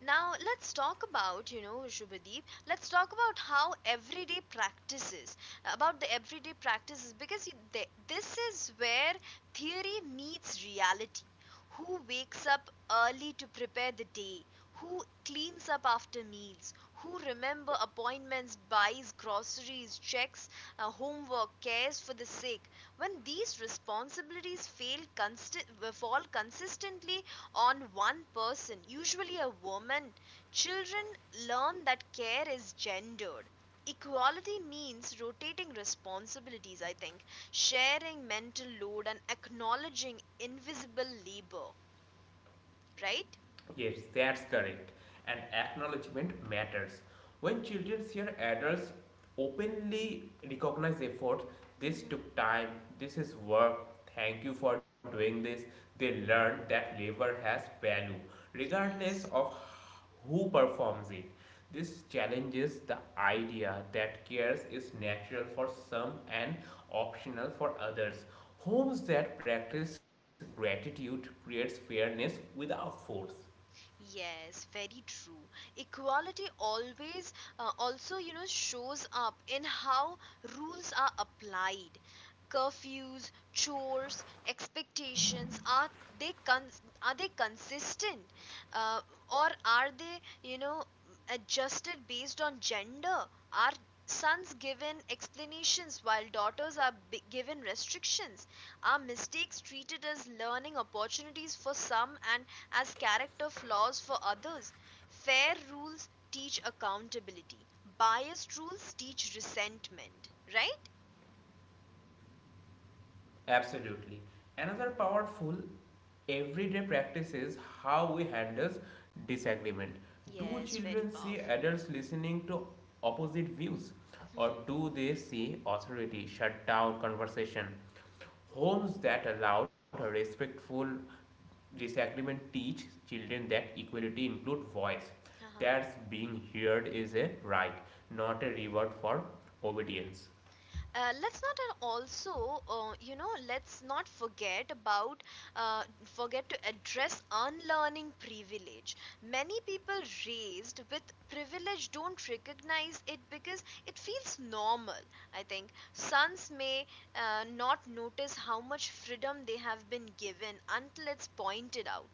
S1: Now let's talk about, you know, Shubhadeep, let's talk about how everyday practices, about the everyday practices, because this is where theory meets reality. Who wakes up early to prepare the day? Who cleans up after meals? Who remember appointments, buys groceries, checks homework, cares for the sick? When these responsibilities fall consistently on one person, usually a woman, children learn that care is gendered. Equality means rotating responsibilities, I think, sharing mental load and acknowledging invisible labor, right?
S2: Yes, that's correct. And acknowledgement matters. When children hear adults openly recognize effort, this
S1: Hmm.
S2: took time, this is work, thank you for doing this, they learn that labor has value, regardless
S1: Yes.
S2: of who performs it. This challenges the idea that cares is natural for some and optional for others. Homes that practice gratitude creates fairness without force.
S1: Yes, very true. Equality always also, you know, shows up in how rules are applied. Curfews, chores, expectations, they con- are they consistent, uh, or are they, you know, adjusted based on gender? Are sons given explanations while daughters are given restrictions? Are mistakes treated as learning opportunities for some and as character flaws for others? Fair rules teach accountability, biased rules teach resentment, right?
S2: Absolutely. Another powerful everyday practice is how we handle disagreement. Do
S1: Yes, very
S2: children see
S1: powerful.
S2: adults listening to opposite views, or
S1: Mhm.
S2: do they see authority shut down conversation? Homes that allowed a respectful disagreement teach children that equality includes voice.
S1: Uh-huh.
S2: That's being heard is a right, not a reward for obedience.
S1: Let's not and also, you know, let's not forget to address unlearning privilege. Many people raised with privilege don't recognize it because it feels normal, I think. Sons may not notice how much freedom they have been given until it's pointed out.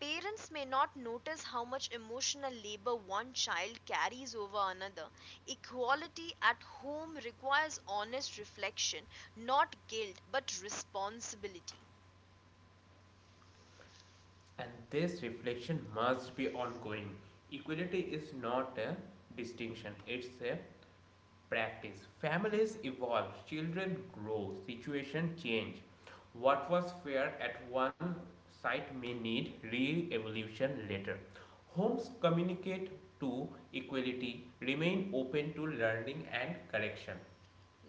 S1: Parents may not notice how much emotional labor one child carries over another. Equality at home requires honest reflection, not guilt, but responsibility.
S2: And this reflection must be ongoing. Equality is not a distinction, it's a practice. Families evolve, children grow, situation change. What was fair at one site may need re-evolution later. Homes communicate to equality, remain open to learning and correction.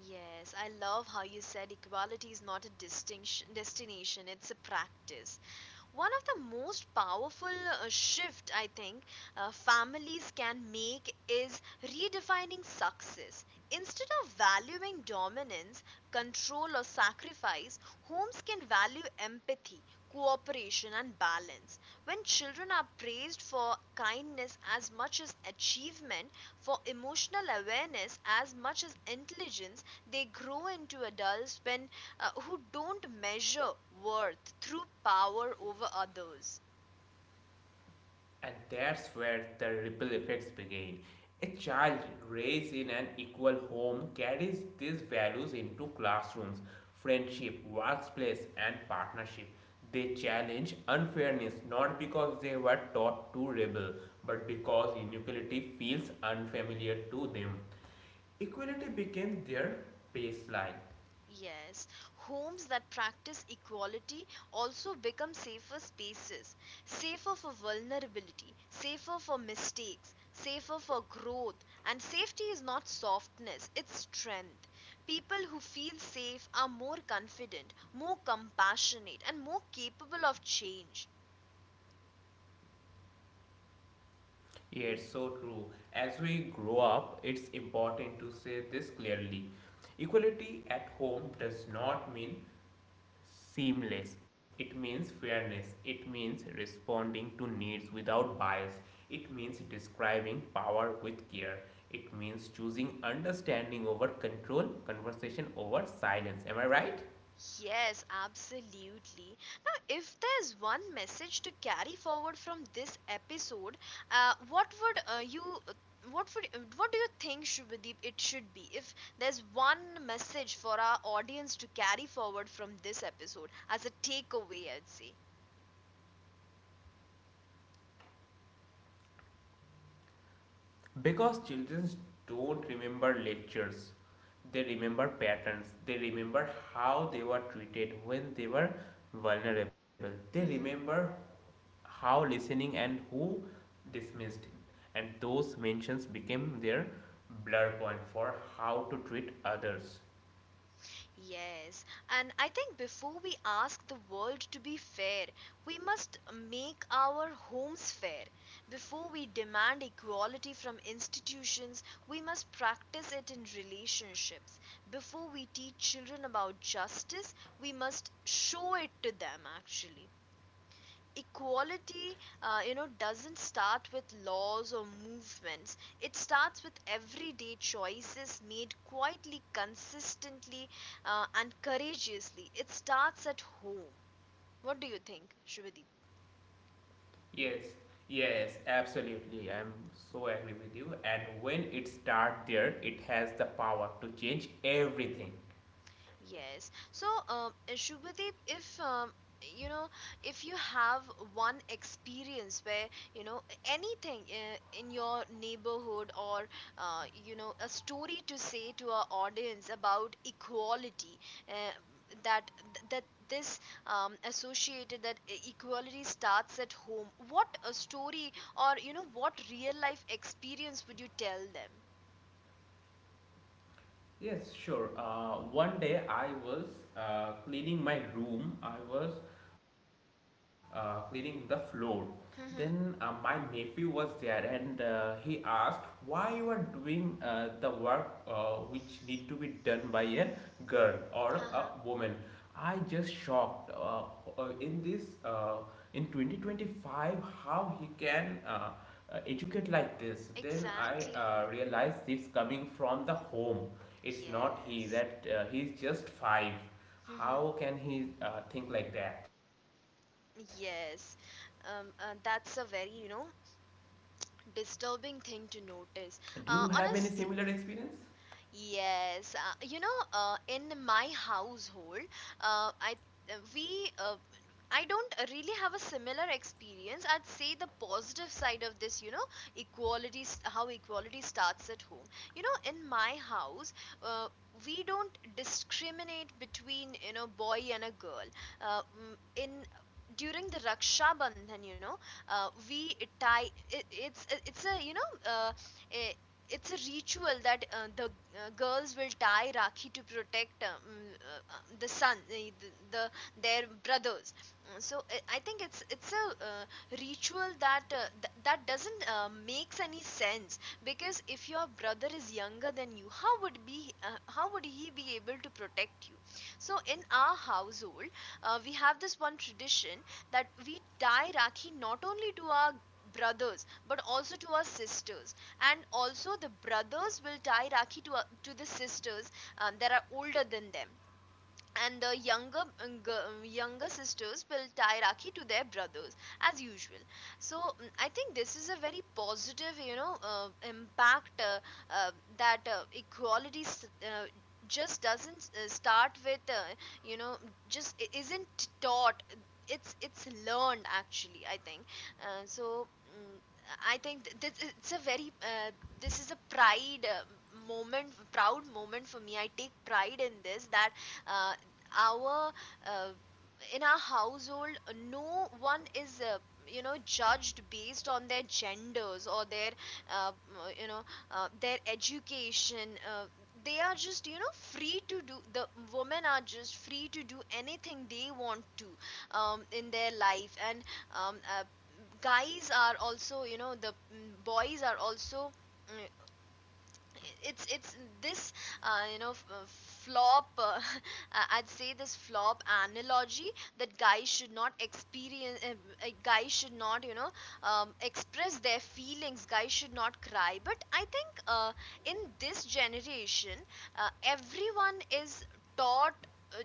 S1: Yes, I love how you said equality is not a distinction destination, it's a practice. One of the most powerful shift, I think, families can make is redefining success. Instead of valuing dominance, control or sacrifice, homes can value empathy, cooperation and balance. When children are praised for kindness as much as achievement, for emotional awareness as much as intelligence, they grow into adults when who don't measure worth through power over others.
S2: And that's where the ripple effects begin. A child raised in an equal home carries these values into classrooms, friendship, workplace, and partnership. They challenge unfairness not because they were taught to rebel, but because inequality feels unfamiliar to them. Equality became their baseline.
S1: Yes, homes that practice equality also become safer spaces, safer for vulnerability, safer for mistakes, safer for growth, and safety is not softness, it's strength. People who feel safe are more confident, more compassionate, and more capable of change.
S2: Yes, so true. As we grow up, it's important to say this clearly. Equality at home does not mean seamless, it means fairness, it means responding to needs without bias, it means describing power with care, it means choosing understanding over control, conversation over silence. Am I right?
S1: Yes, absolutely. Now, if there's one message to carry forward from this episode, what would you, what would, what do you think, Shubhadeep, it should be? If there's one message for our audience to carry forward from this episode as a takeaway, I'd say.
S2: Because children don't remember lectures, they remember patterns, they remember how they were treated when they were vulnerable, they
S1: Mm-hmm.
S2: remember how listening and who dismissed, and those mentions became their blur point for how to treat others.
S1: Yes, and I think before we ask the world to be fair, we must make our homes fair. Before we demand equality from institutions, we must practice it in relationships. Before we teach children about justice, we must show it to them. Actually, equality, you know, doesn't start with laws or movements, it starts with everyday choices made quietly, consistently, and courageously. It starts at home. What do you think, Shivadi?
S2: Yes, yes, absolutely. I'm so agree with you. And when it starts there, it has the power to change everything.
S1: Yes. So, Shubhadeep, if you know, if you have one experience where, you know, anything in your neighborhood, or you know, a story to say to our audience about equality, uh, that that this associated that equality starts at home. What a story, or you know, what real life experience would you tell them?
S2: Yes, sure. One day I was cleaning my room. I was cleaning the floor. Then my
S1: Mm-hmm.
S2: nephew was there and he asked, why you are doing the work which need to be done by a girl or a woman?
S1: Uh-huh.
S2: I just shocked in this in 2025. How he can educate like this? Then I
S1: Exactly.
S2: realized it's coming from the home. It's not he that
S1: Yes.
S2: he's just five. How
S1: Hmm.
S2: can he think like that?
S1: Yes, that's a very, you know, disturbing thing to
S2: Do you
S1: notice.
S2: have any similar
S1: Honestly,
S2: experience?
S1: yes, you know, in my household, uh, I uh, we uh, I don't really have a similar experience. I'd say the positive side of this, you know, how equality starts at home. You know, in my house, uh, we don't discriminate between, you know, boy and a girl. Mm, in during the Raksha Bandhan, you know, we tie it, it's a you know. Eh, it's a ritual that the girls will tie rakhi to protect the son the their brothers. So I think it's a ritual that that doesn't makes any sense, because if your brother is younger than you, how would he be able to protect you? So in our household, we have this one tradition that we tie rakhi not only to our brothers, but also to our sisters. And also the brothers will tie rakhi to the sisters that are older than them, and the younger younger sisters will tie rakhi to their brothers as usual. So I think this is a very positive, you know, impact, uh, that equality uh, just doesn't start with, you know, just isn't taught, it's learned actually, I think. Uh, so mm, i think this, it's a very this is a pride moment proud moment for me. I take pride in this, that uh, our uh, in our household, no one is you know, judged based on their genders or their uh, you know, their education. They are just, you know, free to do the women are just free to do anything they want to in their life. And um, uh, guys are also, you know, boys are also, mm, it's this you know, flop I'd say this flop analogy, that guys should not experience, guys should not, you know, express their feelings, guys should not cry. But I think in this generation, everyone is taught uh,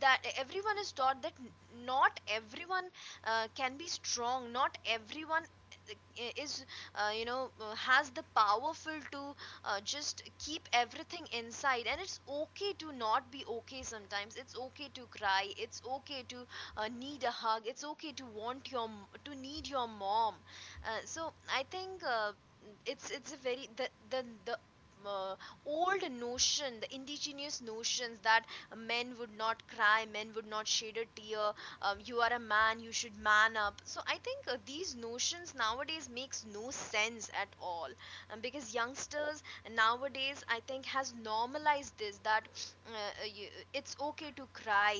S1: that not everyone can be strong, not everyone is you know, has the powerful to just keep everything inside. And it's okay to not be okay sometimes, it's okay to cry, it's okay to need a hug, it's okay to want your to need your mom. So I think it's a very the uh, old notion, the indigenous notions that men would not cry, men would not shed a tear, you are a man, you should man up. So I think, these notions nowadays makes no sense at all, because youngsters nowadays, I think, has normalized this, that uh, uh, you, it's okay to cry,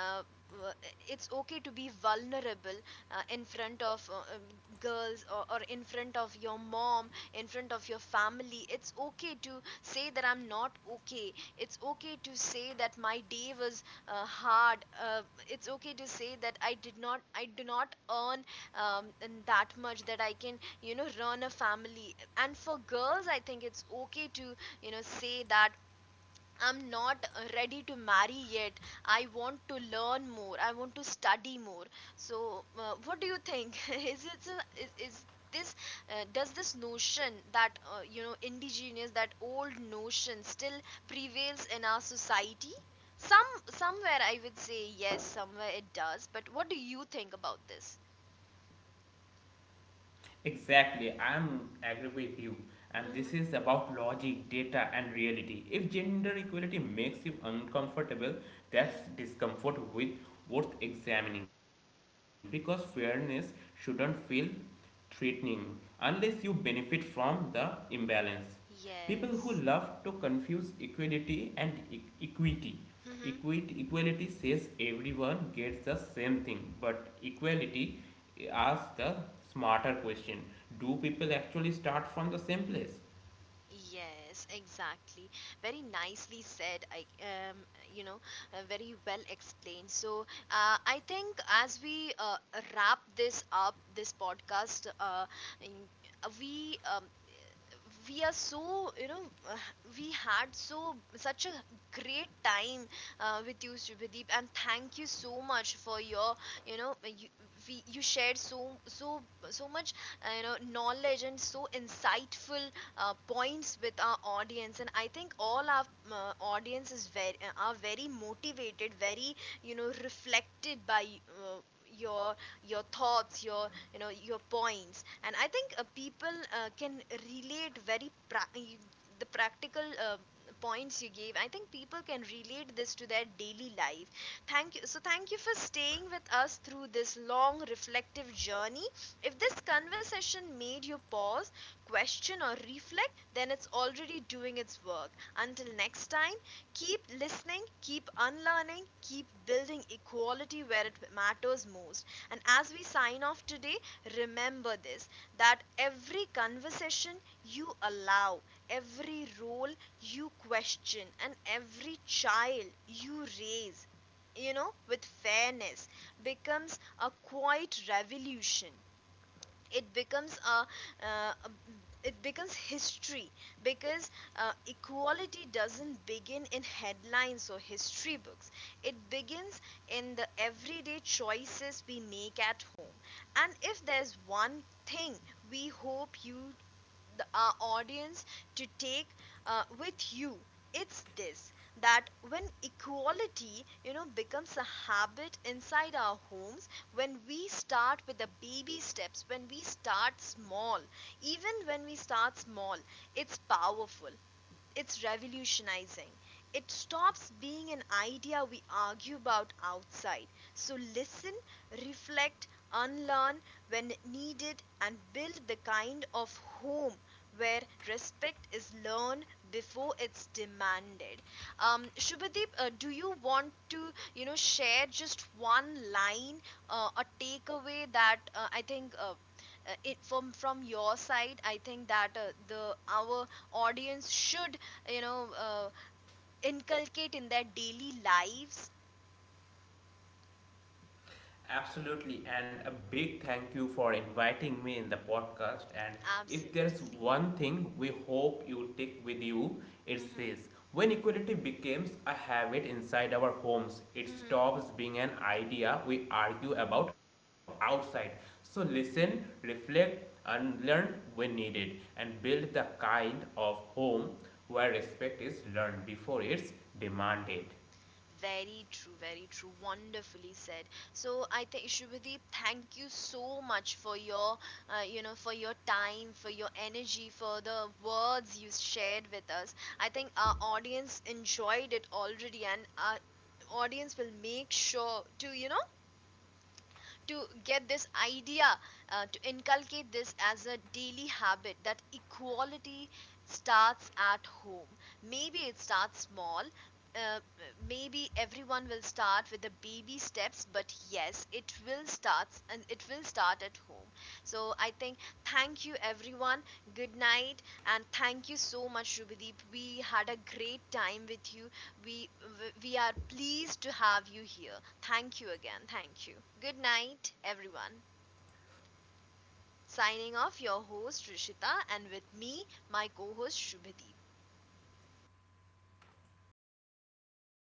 S1: uh, uh, it's okay to be vulnerable in front of girls, or in front of your mom, in front of your family. It's okay to say that I'm not okay, it's okay to say that my day was hard, it's okay to say that I do not earn um, that much that I can, you know, run a family. And for girls, I think it's okay to, you know say that I'm not ready to marry yet. I want to learn more, I want to study more. So what do you think? is it a, is this Does this notion, that indigenous, that old notion, still prevails in our society? Somewhere I would say yes, somewhere it does. But what do you think about this?
S2: Exactly, I'm agree with you. And
S1: Hmm.
S2: this is about logic, data, and reality. If gender equality makes you uncomfortable, that's
S1: Hmm.
S2: discomfort with worth examining, because fairness shouldn't feel threatening unless you benefit from the imbalance. People who love to
S1: Yes.
S2: confuse equality and equity. Equity,
S1: Mm-hmm.
S2: equality says everyone gets the same thing, but equality asks the smarter question: do people actually start from the same place?
S1: Yes, exactly. Very nicely said. Um, you know, Very well explained. So, I think as we wrap this up, this podcast, in- we um, we are so you know uh, we had such a great time with you, Shubhadeep, and thank you so much for your you know you, you shared so much knowledge, and so insightful points with our audience. And I think all our audience is very are very motivated, very reflected by uh, your your thoughts, your your points. And I think people can relate very the practical points you gave. I think people can relate this to their daily life. Thank you for staying with us through this long reflective journey. If this conversation made you pause, question, or reflect, then it's already doing its work. Until next time, keep listening, keep unlearning, keep building equality where it matters most. And as we sign off today, remember this: that every conversation you allow, every role you question, and every child you raise, you know, with fairness, becomes a quiet revolution. It becomes a uh, it becomes history. Because equality doesn't begin in headlines or history books, it begins in the everyday choices we make at home. And if there's one thing we hope you, our audience, to take with you, it's this: that when equality becomes a habit inside our homes, when we start with the baby steps, when we start small, even when we start small, it's powerful, it's revolutionizing. It stops being an idea we argue about outside. So listen, reflect, unlearn when needed, and build the kind of home where respect is learned before it's demanded. Shubhadeep, do you want to, you know, share just one line, a takeaway that I think it from your side. I think that the our audience should, you know, inculcate in their daily lives.
S2: Absolutely, and a big thank you for inviting me in the podcast. And if there's
S1: Absolutely.
S2: one thing we hope you take with you, it's
S1: Hmm.
S2: this: when equality becomes a habit inside our homes, it
S1: Hmm.
S2: stops being an idea we argue about outside. So, listen, reflect, and learn when needed, and build the kind of home where respect is learned before it's demanded.
S1: Very true, very true. Wonderfully said. So I think, Shubhadeep, thank you so much for your, you know, for your time, for your energy, for the words you shared with us. I think our audience enjoyed it already, and our audience will make sure to, you know, to get this idea, to inculcate this as a daily habit, that equality starts at home. Maybe it starts small, uh, maybe everyone will start with the baby steps. But yes, it will starts, and it will start at home. So I think thank you everyone, good night. And thank you so much, Rubideep, we had a great time with you. we we are pleased to have you here. Thank you again. Thank you. Good night, everyone. Signing off, your host Rishita, and with me, my co-host Shubhadeep.